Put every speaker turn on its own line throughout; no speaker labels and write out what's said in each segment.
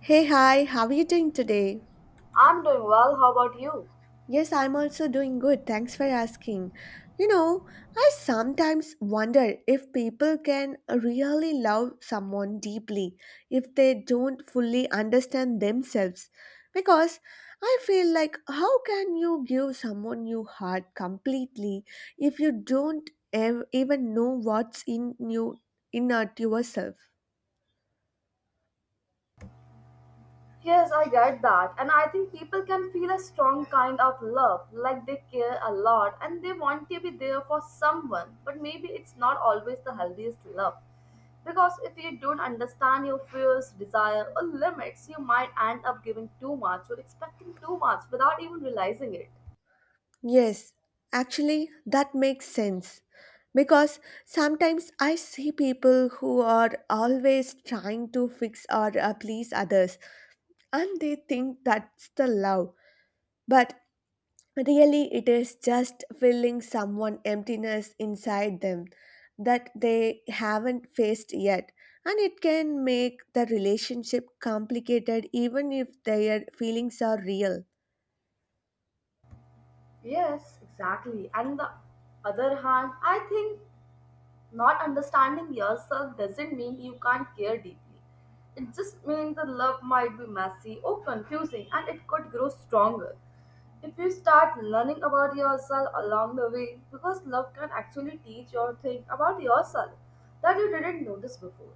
Hey, hi, how are you doing today?
I'm doing well. How about you?
Yes, I'm also doing good. Thanks for asking. You know, I sometimes wonder if people can really love someone deeply if they don't fully understand themselves. Because I feel like, how can you give someone your heart completely if you don't even know what's in you, inert yourself?
Yes, I get that. And I think people can feel a strong kind of love, like they care a lot and they want to be there for someone. But maybe it's not always the healthiest love. Because if you don't understand your fears, desire, or limits, you might end up giving too much or expecting too much without even realizing it.
Yes, actually, that makes sense. Because sometimes I see people who are always trying to fix or please others and they think that's the love. But really, it is just filling someone emptiness inside them that they haven't faced yet. And it can make the relationship complicated even if their feelings are real.
Yes, exactly. And the other hand, I think not understanding yourself doesn't mean you can't care deeply. It just means the love might be messy or confusing and it could grow stronger, if you start learning about yourself along the way, because love can actually teach you thing about yourself that you didn't notice before.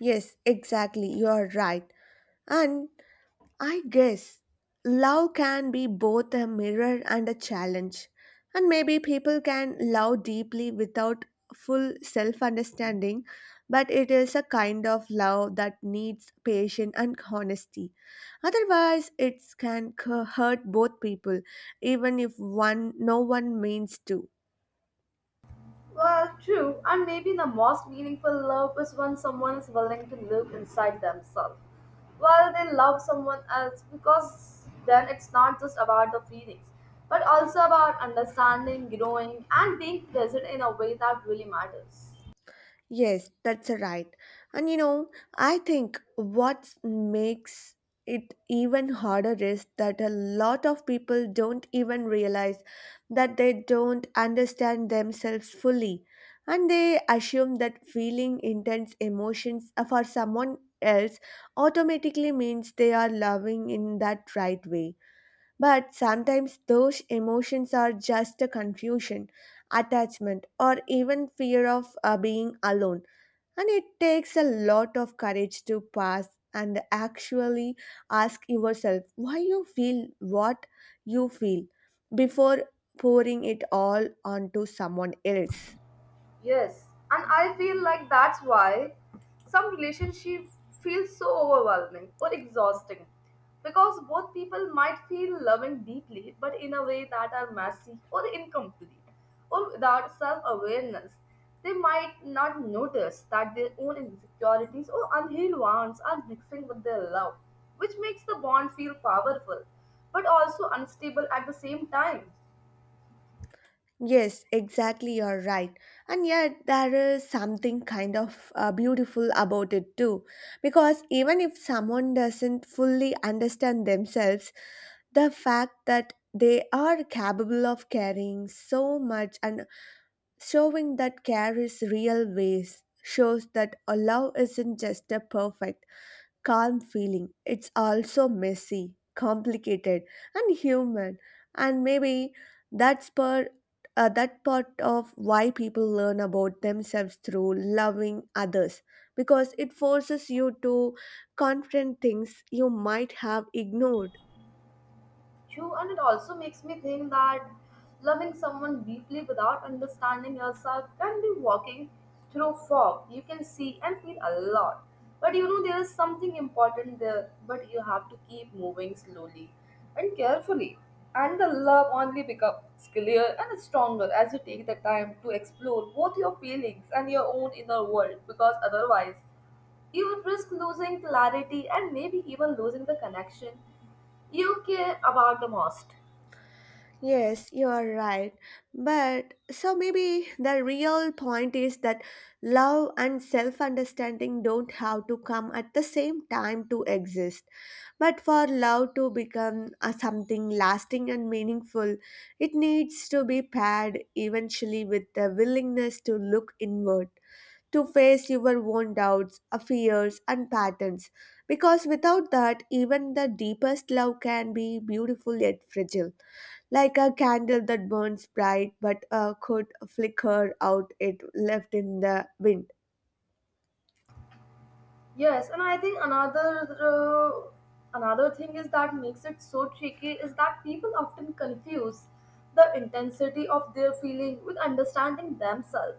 Yes, exactly, you are right. And I guess love can be both a mirror and a challenge, and maybe people can love deeply without full self understanding, but it is a kind of love that needs patience and honesty. Otherwise, it can hurt both people, even if one no one means to.
Well, true, and maybe the most meaningful love is when someone is willing to look inside themselves while they love someone else, because then it's not just about the feelings but also about understanding, growing, and being present in a way that really matters.
Yes, that's right. And you know, I think what makes it even harder is that a lot of people don't even realize that they don't understand themselves fully. And they assume that feeling intense emotions for someone else automatically means they are loving in that right way. But sometimes those emotions are just a confusion, attachment, or even fear of being alone and it takes a lot of courage to pass and actually ask yourself why you feel what you feel before pouring it all onto someone else.
Yes, and I feel like that's why some relationship feels so overwhelming or exhausting, because both people might feel loving deeply but in a way that are messy or incomplete, or without self-awareness they might not notice that their own insecurities or unhealed wounds are mixing with their love, which makes the bond feel powerful but also unstable at the same time.
Yes, exactly, you're right. And yet, there is something kind of beautiful about it too. Because even if someone doesn't fully understand themselves, the fact that they are capable of carrying so much and showing that care is real ways shows that a love isn't just a perfect, calm feeling. It's also messy, complicated, and human. And maybe that's part, that part of why people learn about themselves through loving others, because it forces you to confront things you might have ignored.
True, and it also makes me think that loving someone deeply without understanding yourself can be walking through fog. You can see and feel a lot. But you know, there is something important there, but you have to keep moving slowly and carefully. And the love only becomes clear and stronger as you take the time to explore both your feelings and your own inner world, because otherwise you would risk losing clarity and maybe even losing the connection you care about the most.
Yes, you are right. But so maybe the real point is that love and self understanding don't have to come at the same time to exist. But for love to become a something lasting and meaningful, it needs to be paired eventually with the willingness to look inward to face your own doubts, fears, and patterns. Because without that, even the deepest love can be beautiful yet fragile, like a candle that burns bright but could flicker out it left in the wind.
Yes, and I think another thing is that makes it so tricky is that people often confuse the intensity of their feeling with understanding themselves.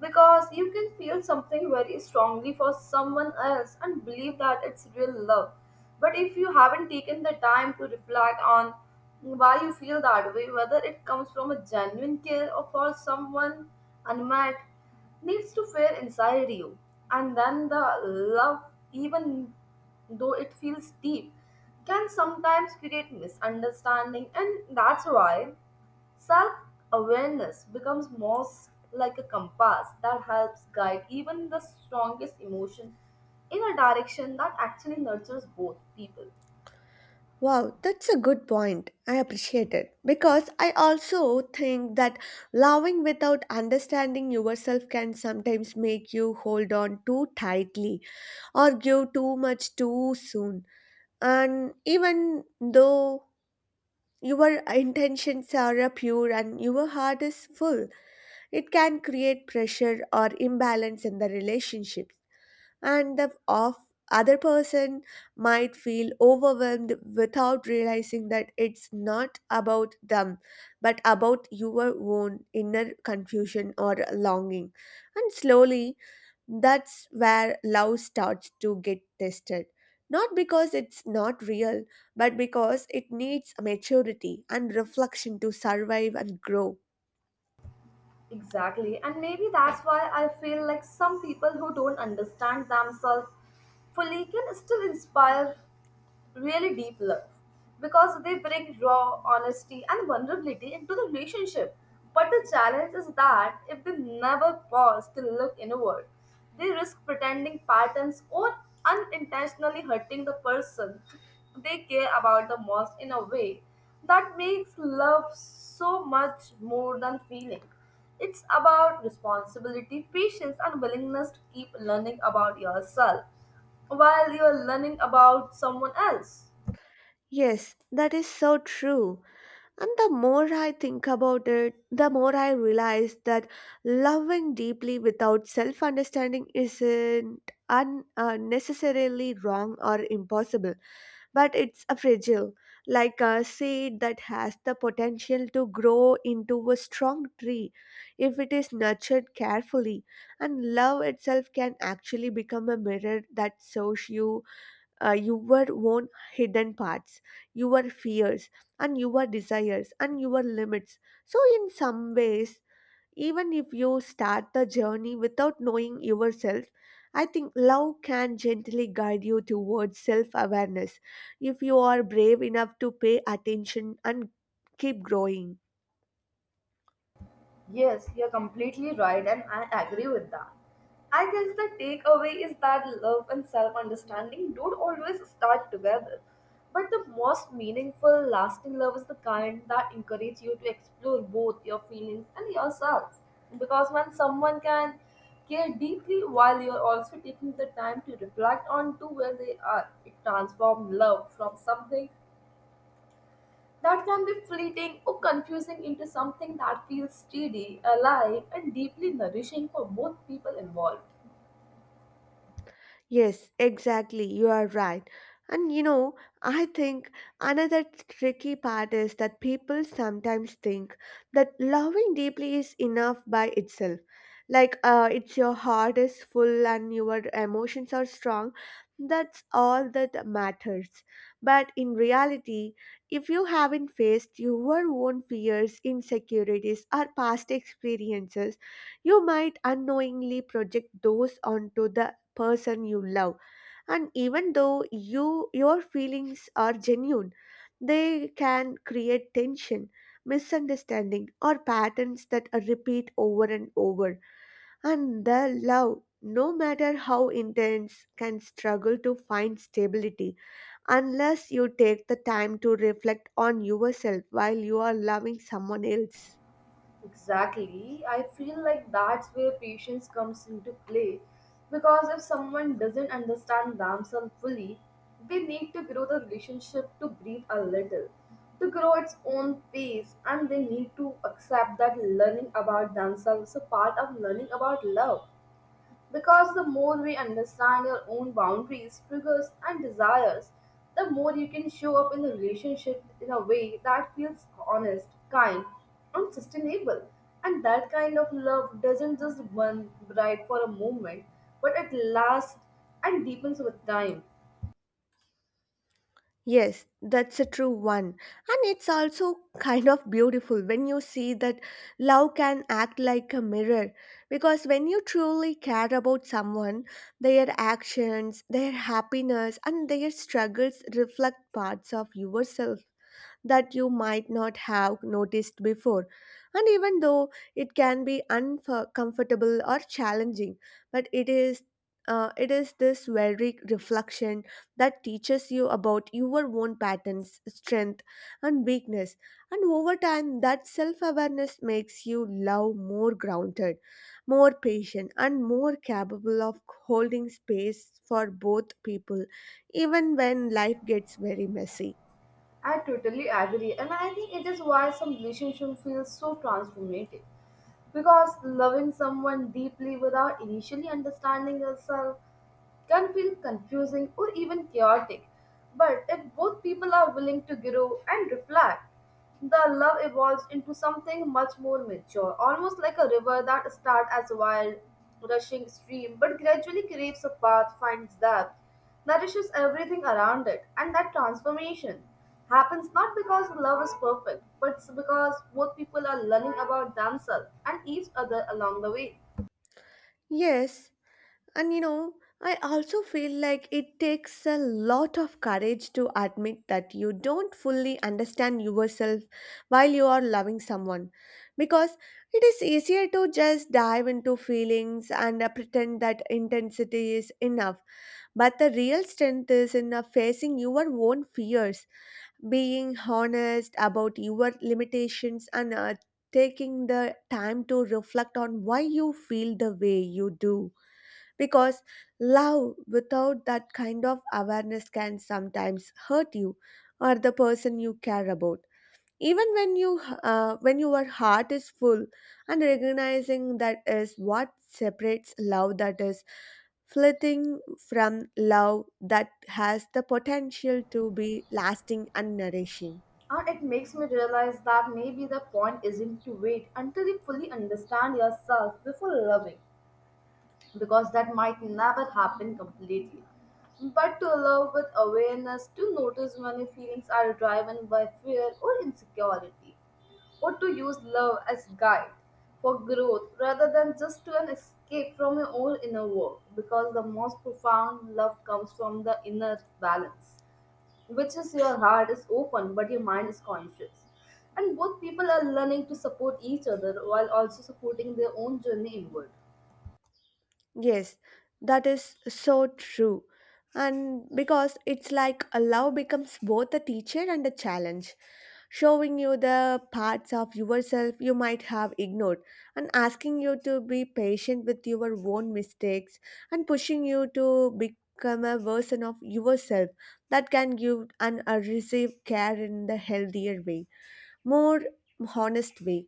Because you can feel something very strongly for someone else and believe that it's real love. But if you haven't taken the time to reflect on why you feel that way, whether it comes from a genuine care or for someone unmet, needs to fare inside you, and then the love, even though it feels deep, can sometimes create misunderstanding, and that's why self-awareness becomes most like a compass that helps guide even the strongest emotion in a direction that actually nurtures both people.
Wow, that's a good point. I appreciate it. Because I also think that loving without understanding yourself can sometimes make you hold on too tightly or give too much too soon. And even though your intentions are pure and your heart is full, it can create pressure or imbalance in the relationship and the off other person might feel overwhelmed without realizing that it's not about them but about your own inner confusion or longing, and slowly that's where love starts to get tested, not because it's not real but because it needs maturity and reflection to survive and grow.
Exactly, and maybe that's why I feel like some people who don't understand themselves fully can still inspire really deep love, because they bring raw honesty and vulnerability into the relationship. But the challenge is that if they never pause to look inward, they risk pretending patterns or unintentionally hurting the person they care about the most, in a way that makes love so much more than feeling. It's about responsibility, patience, and willingness to keep learning about yourself while you are learning about someone else.
Yes, that is so true. And the more I think about it, the more I realize that loving deeply without self understanding isn't necessarily wrong or impossible, but it's a fragile, like a seed that has the potential to grow into a strong tree if it is nurtured carefully. And love itself can actually become a mirror that shows you your own hidden parts, your fears, and your desires, and your limits. So, in some ways, even if you start the journey without knowing yourself, I think love can gently guide you towards self awareness if you are brave enough to pay attention and keep growing.
Yes, you're completely right, and I agree with that. I guess the takeaway is that love and self understanding don't always start together. But the most meaningful, lasting love is the kind that encourages you to explore both your feelings and yourself. Because when someone can care deeply while you're also taking the time to reflect on to where they are, it transforms love from something that can be fleeting or confusing into something that feels steady, alive, and deeply nourishing for both people involved.
Yes, exactly. You are right. And you know, I think another tricky part is that people sometimes think that loving deeply is enough by itself. Like, it's your heart is full and your emotions are strong. That's all that matters. But in reality, if you haven't faced your own fears, insecurities, or past experiences, you might unknowingly project those onto the person you love, and even though your feelings are genuine, they can create tension, misunderstanding, or patterns that are repeat over and over, and the love, no matter how intense, can struggle to find stability unless you take the time to reflect on yourself while you are loving someone else.
Exactly. I feel like that's where patience comes into play, because if someone doesn't understand themselves fully, they need to grow the relationship to breathe a little, to grow its own pace, and they need to accept that learning about themselves is a part of learning about love. Because the more we understand your own boundaries, triggers, and desires, the more you can show up in the relationship in a way that feels honest, kind, and sustainable. And that kind of love doesn't just burn bright for a moment, but it lasts and deepens with time.
Yes, that's a true one. And it's also kind of beautiful when you see that love can act like a mirror. Because when you truly care about someone, their actions, their happiness, and their struggles reflect parts of yourself that you might not have noticed before. And even though it can be uncomfortable or challenging, but it is it is this very reflection that teaches you about your own patterns, strength, and weakness. And over time, that self awareness makes you love more grounded, more patient, and more capable of holding space for both people, even when life gets very messy.
I totally agree, and I think it is why some relationship feels so transformative. Because loving someone deeply without initially understanding yourself can feel confusing or even chaotic. But if both people are willing to grow and reflect, the love evolves into something much more mature, almost like a river that starts as a wild, rushing stream but gradually craves a path, finds depth, nourishes everything around it, and that transformation happens not because love is perfect, but it's because both people are learning about themselves and each other along the way.
Yes. And you know, I also feel like it takes a lot of courage to admit that you don't fully understand yourself while you are loving someone. Because it is easier to just dive into feelings and pretend that intensity is enough. But the real strength is in facing your own fears, being honest about your limitations, and taking the time to reflect on why you feel the way you do. Because love without that kind of awareness can sometimes hurt you or the person you care about. Even when you when your heart is full, and recognizing that is what separates love that is flitting from love that has the potential to be lasting and nourishing.
And it makes me realize that maybe the point isn't to wait until you fully understand yourself before loving, because that might never happen completely. But to love with awareness, to notice when your feelings are driven by fear or insecurity, or to use love as guide for growth rather than just to an escape from your own inner work, because the most profound love comes from the inner balance, which is your heart is open but your mind is conscious, and both people are learning to support each other while also supporting their own journey inward.
Yes, that is so true. And because it's like a love becomes both a teacher and a challenge, showing you the parts of yourself you might have ignored, and asking you to be patient with your own mistakes, and pushing you to become a version of yourself that can give and receive care in the healthier way, more honest way.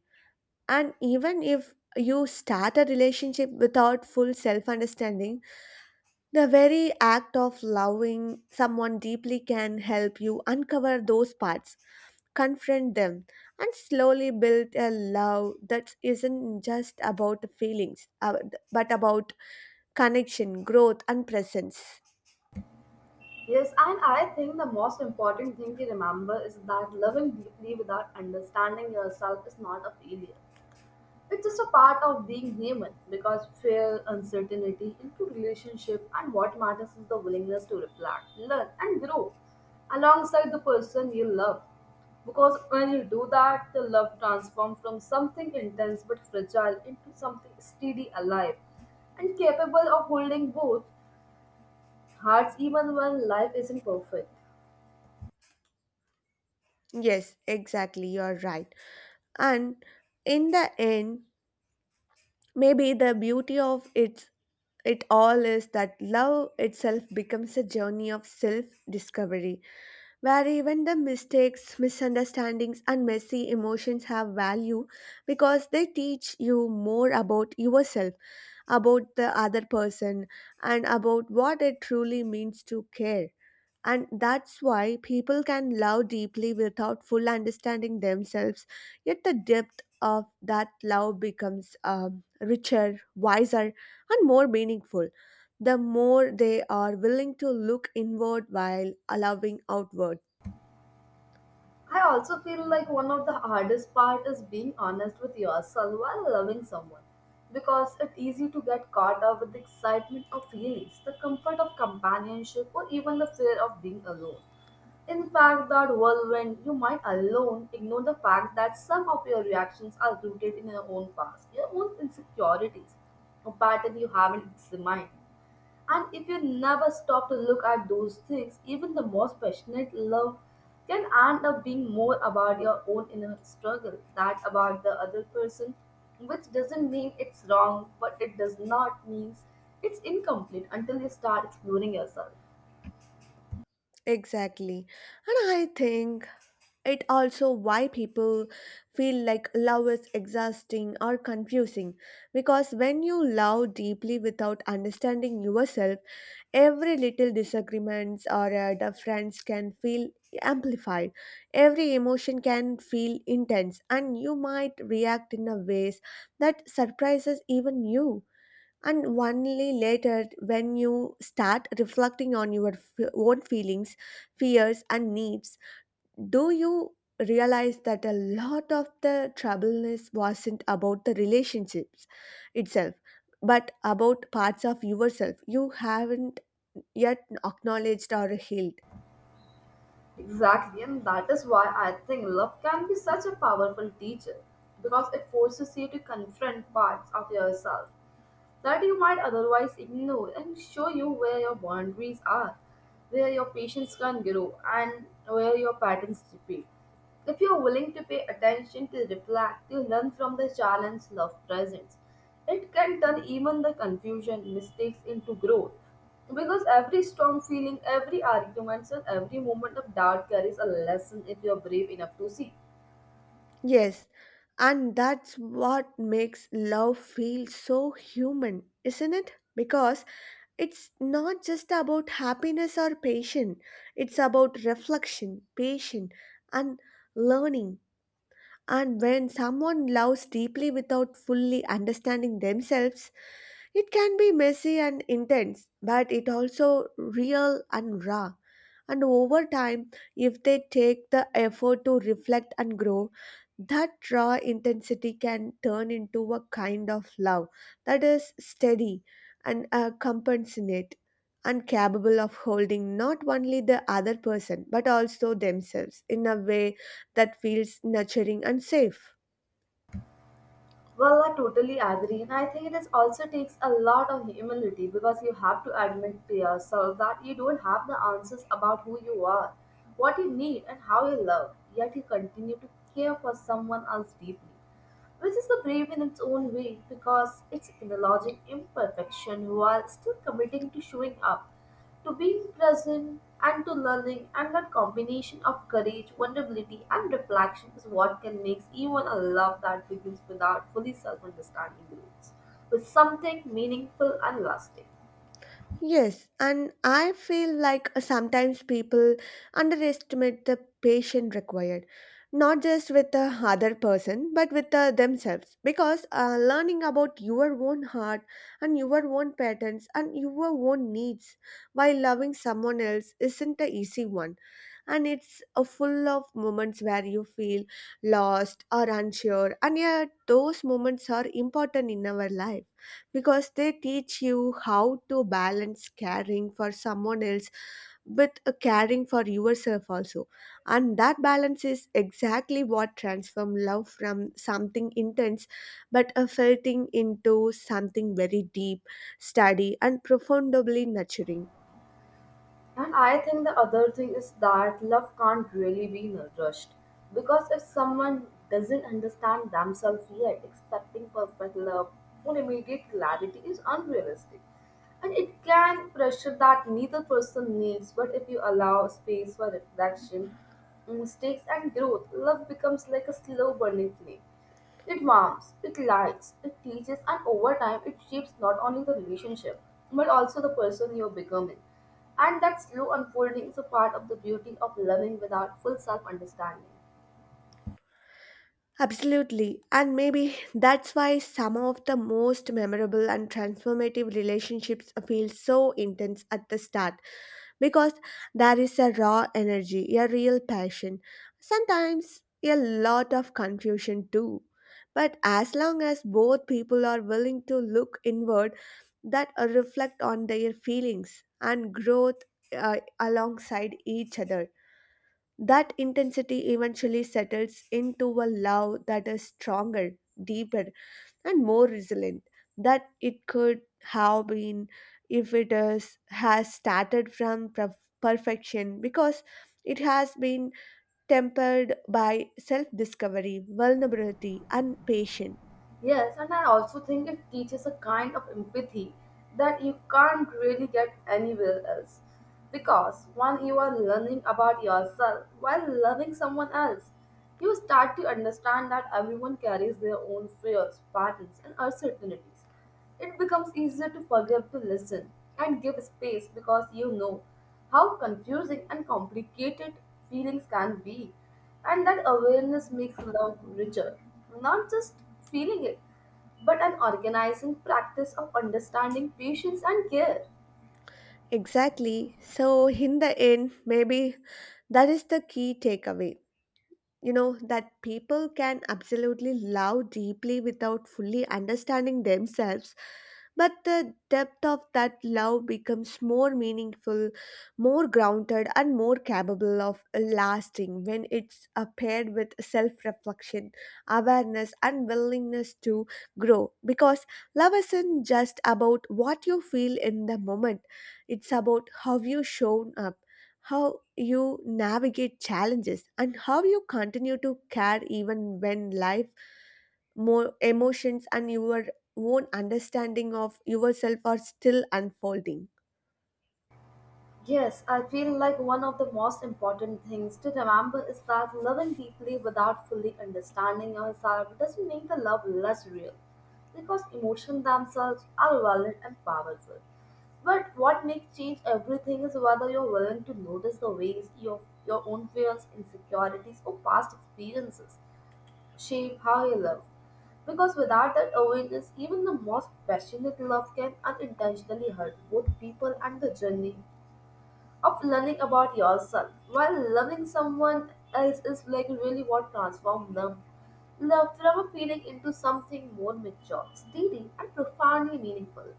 And even if you start a relationship without full self understanding, the very act of loving someone deeply can help you uncover those parts, confront them, and slowly build a love that isn't just about feelings, but about connection, growth, and presence.
Yes, and I think the most important thing to remember is that loving deeply without understanding yourself is not a failure. It's just a part of being human, because fear, uncertainty into relationship, and what matters is the willingness to reflect, learn and grow alongside the person you love. Because when you do that, the love transforms from something intense but fragile into something steady, alive, and capable of holding both hearts even when life isn't perfect.
Yes, exactly, you're right. And in the end, maybe the beauty of it, it all is that love itself becomes a journey of self discovery where even the mistakes, misunderstandings, and messy emotions have value because they teach you more about yourself, about the other person, and about what it truly means to care. And that's why people can love deeply without full understanding themselves, yet the depth of that love becomes richer, wiser, and more meaningful the more they are willing to look inward while allowing outward.
I also feel like one of the hardest part is being honest with yourself while loving someone, because it's easy to get caught up with the excitement of feelings, the comfort of companionship, or even the fear of being alone. In fact, that whirlwind, you might alone ignore the fact that some of your reactions are rooted in your own past, your own insecurities, a pattern you haven't examined. And if you never stop to look at those things, even the most passionate love can end up being more about your own inner struggle than about the other person, which doesn't mean it's wrong, but it does not mean it's incomplete until you start exploring yourself.
Exactly. And I think it also why people feel like love is exhausting or confusing because when you love deeply without understanding yourself, every little disagreements or difference can feel amplified. Every emotion can feel intense and you might react in a ways that surprises even you, and only later when you start reflecting on your own feelings, fears and needs do you realize that a lot of the troubleness wasn't about the relationships itself but about parts of yourself you haven't yet acknowledged or healed.
Exactly, and that is why I think love can be such a powerful teacher, because it forces you to confront parts of yourself that you might otherwise ignore, and show you where your boundaries are, where your patience can grow, and where your patterns repeat. If you're willing to pay attention, to reflect, to learn from the challenge love presents, it can turn even the confusion, mistakes into growth. Because every strong feeling, every argument, and every moment of doubt carries a lesson if you're brave enough to see.
Yes, and that's what makes love feel so human, isn't it? Because it's not just about happiness or passion, it's about reflection, patience, and learning. And when someone loves deeply without fully understanding themselves, it can be messy and intense, but it also real and raw. And over time, if they take the effort to reflect and grow, that raw intensity can turn into a kind of love that is steady and compassionate and capable of holding not only the other person but also themselves in a way that feels nurturing and safe.
Well, I totally agree, and I think it is also takes a lot of humility, because you have to admit to yourself that you don't have the answers about who you are, what you need, and how you love, yet you continue to care for someone else deeply, which is the brave in its own way, because it's acknowledging imperfection while still committing to showing up, to being present and to learning, and that combination of courage, vulnerability, and reflection is what can make even a love that begins without fully self understanding roots, with something meaningful and lasting.
Yes, and I feel like sometimes people underestimate the patience required, not just with the other person, but with themselves. Because learning about your own heart and your own patterns and your own needs while loving someone else isn't an easy one. And it's a full of moments where you feel lost or unsure, and yet those moments are important in our life because they teach you how to balance caring for someone else with caring for yourself also, and that balance is exactly what transforms love from something intense but a felt into something very deep, steady and profoundly nurturing.
And I think the other thing is that love can't really be nourished, because if someone doesn't understand themselves yet, expecting perfect love or immediate clarity is unrealistic. And it can pressure that neither person needs, but if you allow space for reflection, mistakes, and growth, love becomes like a slow burning flame. It warms, it lights, it teaches, and over time, it shapes not only the relationship but also the person you're becoming. And that slow unfolding is a part of the beauty of loving without full self understanding.
Absolutely. And maybe that's why some of the most memorable and transformative relationships feel so intense at the start because there is a raw energy, a real passion, sometimes a lot of confusion too. But as long as both people are willing to look inward, that reflect on their feelings and growth alongside each other, that intensity eventually settles into a love that is stronger, deeper, and more resilient that it could have been if has started from perfection, because it has been tempered by self discovery, vulnerability, and patience.
Yes, and I also think it teaches a kind of empathy that you can't really get anywhere else. Because when you are learning about yourself while loving someone else, you start to understand that everyone carries their own fears, patterns, and uncertainties. It becomes easier to forgive, to listen, and give space, because you know how confusing and complicated feelings can be, and that awareness makes love richer. Not just feeling it, but an organizing practice of understanding patience and care.
Exactly. So, in the end, maybe that is the key takeaway, you know, that people can absolutely love deeply without fully understanding themselves, but the depth of that love becomes more meaningful, more grounded, and more capable of lasting when it's paired with self-reflection, awareness, and willingness to grow, because love isn't just about what you feel in the moment. It's about how you show up, how you navigate challenges, and how you continue to care even when life, more emotions, and your own understanding of yourself are still unfolding.
Yes, I feel like one of the most important things to remember is that loving deeply without fully understanding yourself doesn't make the love less real, because emotions themselves are valid and powerful. But what makes change everything is whether you're willing to notice the ways your own fears, insecurities, or past experiences shape how you love. Because without that awareness, even the most passionate love can unintentionally hurt both people, and the journey of learning about yourself while loving someone else is like really what transforms them love from a feeling into something more mature, steady, and profoundly meaningful.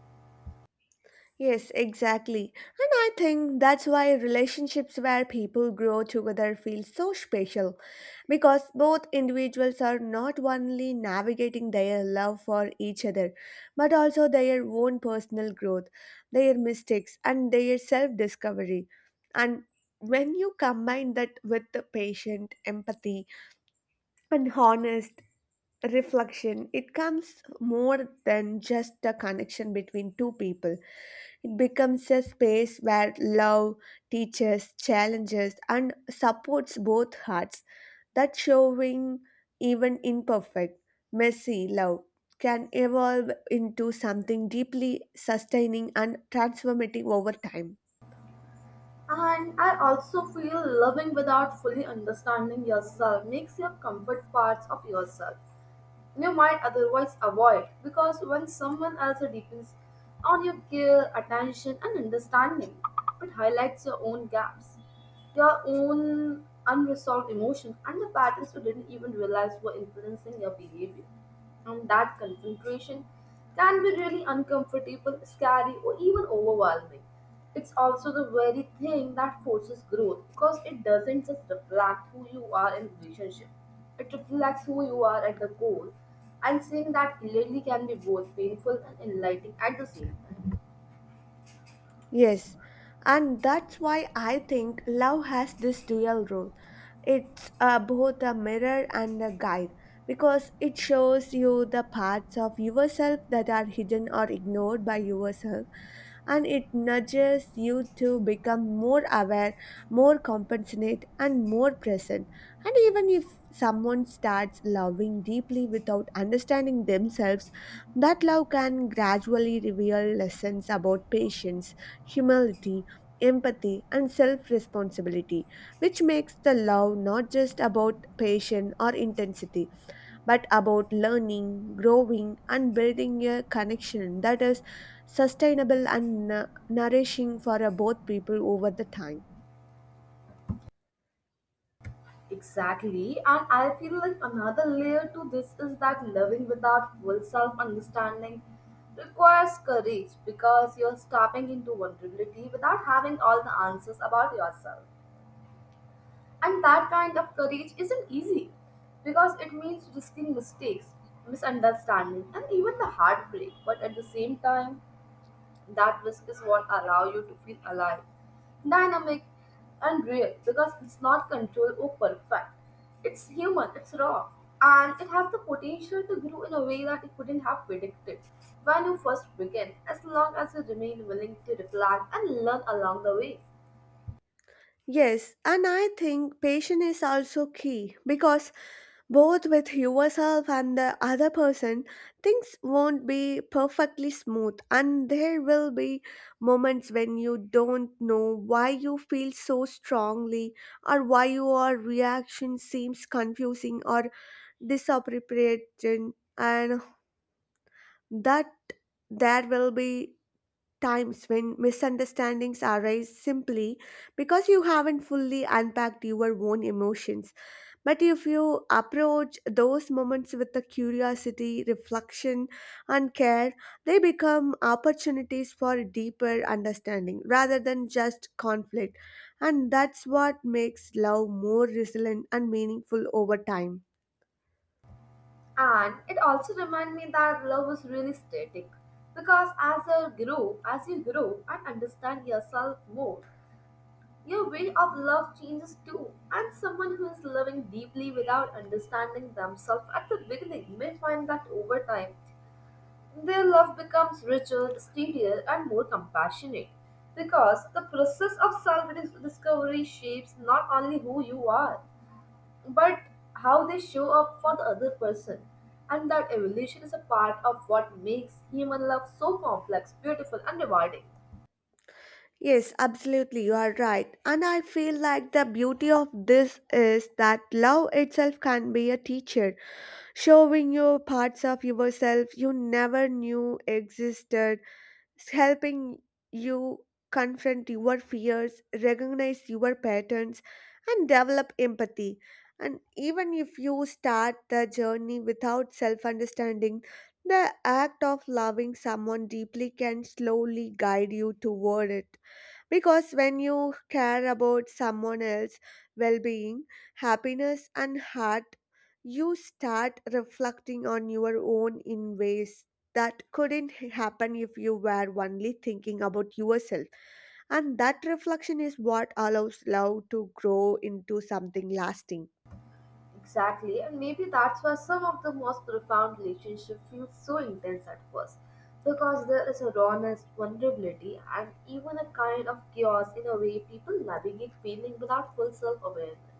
Yes, exactly. And I think that's why relationships where people grow together feel so special, because both individuals are not only navigating their love for each other but also their own personal growth, their mistakes, and their self discovery. And when you combine that with the patient empathy and honest reflection, it comes more than just a connection between two people. It becomes a space where love teaches, challenges, and supports both hearts. That showing, even imperfect, messy love can evolve into something deeply sustaining and transformative over time.
And I also feel loving without fully understanding yourself makes you comfort parts of yourself you might otherwise avoid, because when someone else depends on your care, attention, and understanding, it highlights your own gaps, your own unresolved emotions, and the patterns you didn't even realize were influencing your behavior. And that concentration can be really uncomfortable, scary, or even overwhelming. It's also the very thing that forces growth because it doesn't just reflect who you are in relationship. It reflects who you are at the core, and seeing that clearly can be both painful and enlightening at the same time.
Yes, and that's why I think love has this dual role. It's both a mirror and a guide, because it shows you the parts of yourself that are hidden or ignored by yourself, and it nudges you to become more aware, more compassionate, and more present. And even if someone starts loving deeply without understanding themselves, that love can gradually reveal lessons about patience, humility, empathy, and self responsibility, which makes the love not just about passion or intensity, but about learning, growing, and building a connection that is sustainable and nourishing for both people over the time.
Exactly, and I feel like another layer to this is that living without full self understanding requires courage, because you're stepping into vulnerability without having all the answers about yourself. And that kind of courage isn't easy because it means risking mistakes, misunderstanding, and even the heartbreak, but at the same time, that risk is what allow you to feel alive, dynamic, and real because it's not controlled or perfect. It's human, it's raw, and it has the potential to grow in a way that you couldn't have predicted when you first began, as long as you remain willing to reflect and learn along the way.
Yes, and I think patience is also key because, both with yourself and the other person, things won't be perfectly smooth, and there will be moments when you don't know why you feel so strongly or why your reaction seems confusing or disappropriate, and that there will be times when misunderstandings arise simply because you haven't fully unpacked your own emotions. But if you approach those moments with the curiosity, reflection, and care, they become opportunities for deeper understanding rather than just conflict. And that's what makes love more resilient and meaningful over time.
And it also reminded me that love is really static because as you grow, and understand yourself more, your way of love changes too, and someone who is loving deeply without understanding themselves at the beginning may find that over time their love becomes richer, steadier, and more compassionate because the process of self discovery shapes not only who you are but how they show up for the other person. And that evolution is a part of what makes human love so complex, beautiful, and rewarding.
Yes, absolutely, you are right. And I feel like the beauty of this is that love itself can be a teacher, showing you parts of yourself you never knew existed, helping you confront your fears, recognize your patterns, and develop empathy. And even if you start the journey without self understanding, the act of loving someone deeply can slowly guide you toward it. Because when you care about someone else's well being, happiness, and heart, you start reflecting on your own in ways that couldn't happen if you were only thinking about yourself. And that reflection is what allows love to grow into something lasting.
Exactly, and maybe that's why some of the most profound relationships feel so intense at first, because there is a rawness, vulnerability, and even a kind of chaos in a way people navigate feeling without full self awareness.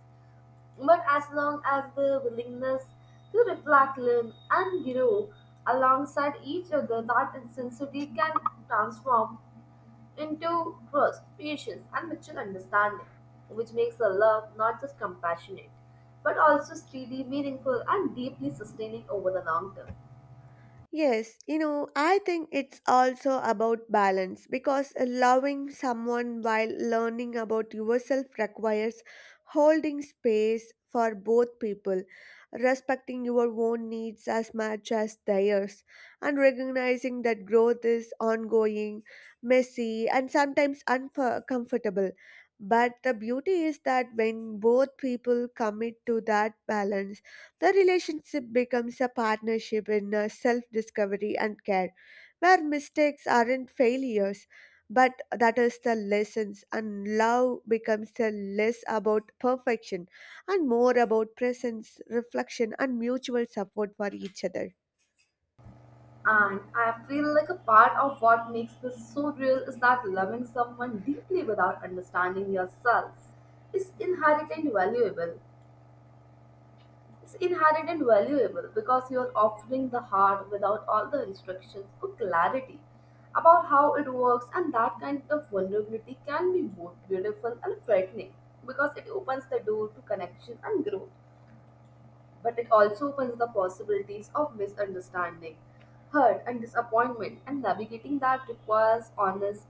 But as long as the willingness to reflect, learn, and grow alongside each other, that intensity can transform into trust, patience, and mutual understanding, which makes a love not just compassionate, but also steady, meaningful, and deeply sustaining over the long term.
Yes, you know, I think it's also about balance, because loving someone while learning about yourself requires holding space for both people, respecting your own needs as much as theirs, and recognizing that growth is ongoing, messy, and sometimes uncomfortable. But the beauty is that when both people commit to that balance, the relationship becomes a partnership in self discovery and care, where mistakes aren't failures, but that is the lessons, and love becomes a less about perfection and more about presence, reflection, and mutual support for each other.
And I feel like a part of what makes this so real is that loving someone deeply without understanding yourself is inherently valuable. It's inherent and valuable because you are offering the heart without all the instructions or clarity about how it works, and that kind of vulnerability can be both beautiful and frightening because it opens the door to connection and growth, but it also opens the possibilities of misunderstanding, hurt, and disappointment, and navigating that requires honest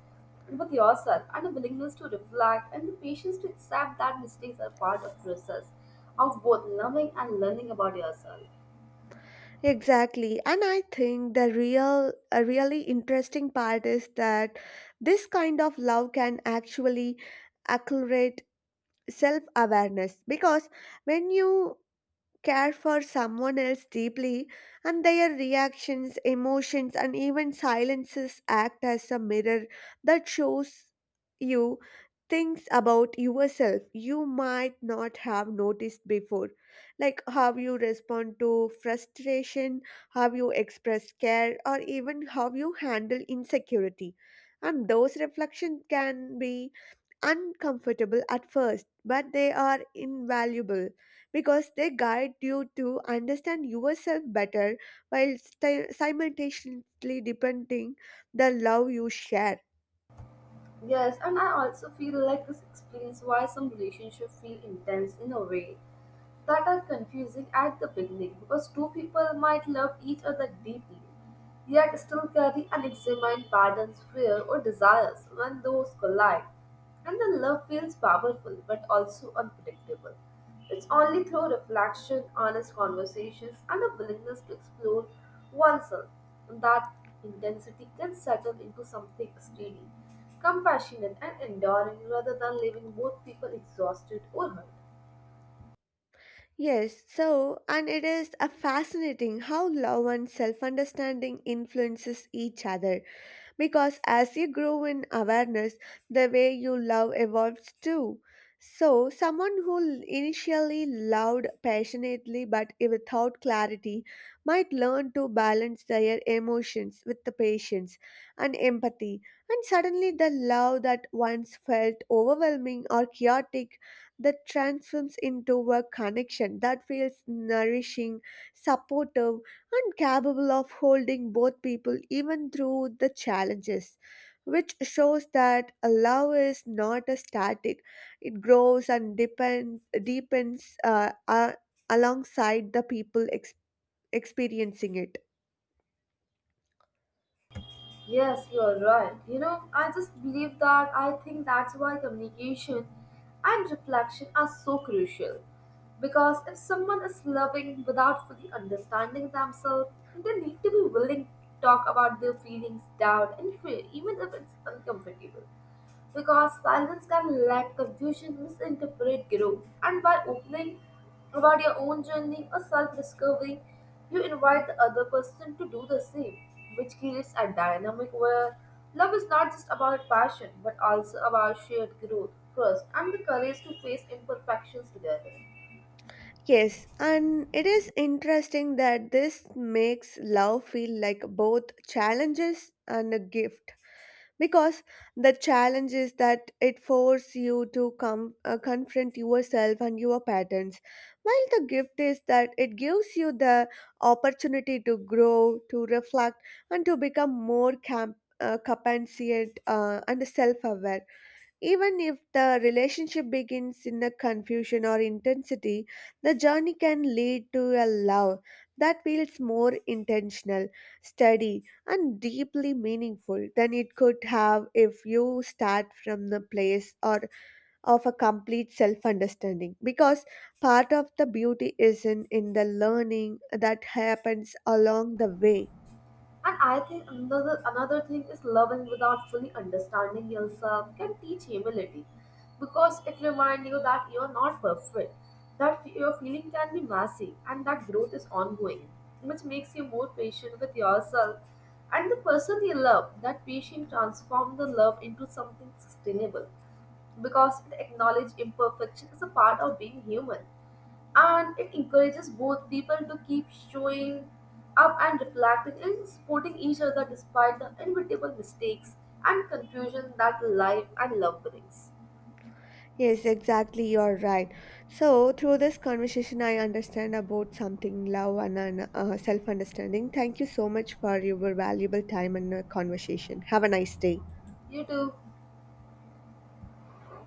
with yourself and a willingness to reflect and the patience to accept that mistakes are part of process of both loving and learning about yourself.
Exactly, and I think the real, a really interesting part is that this kind of love can actually accelerate self awareness, because when you care for someone else deeply, and their reactions, emotions, and even silences act as a mirror that shows you things about yourself you might not have noticed before, like how you respond to frustration, how you express care, or even how you handle insecurity. And those reflections can be uncomfortable at first, but they are invaluable because they guide you to understand yourself better while simultaneously depending the love you share.
Yes, and I also feel like this explains why some relationships feel intense in a way that are confusing at the beginning, because two people might love each other deeply yet still carry unexamined patterns, fear, or desires when those collide. And the love feels powerful but also unpredictable. It's only through reflection, honest conversations, and a willingness to explore oneself that intensity can settle into something steady, compassionate, and enduring rather than leaving both people exhausted or hurt.
Yes, so, and it is a fascinating how love and self-understanding influences each other, because as you grow in awareness, the way you love evolves too. So, someone who initially loved passionately but without clarity might learn to balance their emotions with the patience and empathy, and suddenly the love that once felt overwhelming or chaotic that transforms into a connection that feels nourishing, supportive, and capable of holding both people even through the challenges, which shows that a love is not a static, it grows and depends, deepens alongside the people experiencing it.
Yes, you're right. You know, I think that's why communication and reflection are so crucial. Because if someone is loving without fully understanding themselves, they need to be willing to talk about their feelings, doubt, and fear, even if it's uncomfortable, because silence can let confusion, misinterpret, grow. And by opening about your own journey or self discovery, you invite the other person to do the same, which creates a dynamic where love is not just about passion but also about shared growth, trust, and the courage to face imperfections together.
Yes, and it is interesting that this makes love feel like both challenges and a gift, because the challenge is that it forces you to come confront yourself and your patterns, while the gift is that it gives you the opportunity to grow, to reflect, and to become more compassionate and self-aware. Even if the relationship begins in a confusion or intensity, the journey can lead to a love that feels more intentional, steady, and deeply meaningful than it could have if you start from the place or of a complete self understanding, because part of the beauty is not in the learning that happens along the way.
And I think another thing is loving without fully understanding yourself can teach humility because it reminds you that you're not perfect, that your feeling can be messy and that growth is ongoing, which makes you more patient with yourself and the person you love. That patient transforms the love into something sustainable because it acknowledge imperfection is a part of being human, and it encourages both people to keep showing up and reflecting and supporting each other despite the inevitable mistakes and confusion that life and love brings.
Yes, exactly, you're right. So, through this conversation, I understand about something love and self understanding. Thank you so much for your valuable time and conversation. Have a nice day.
You too.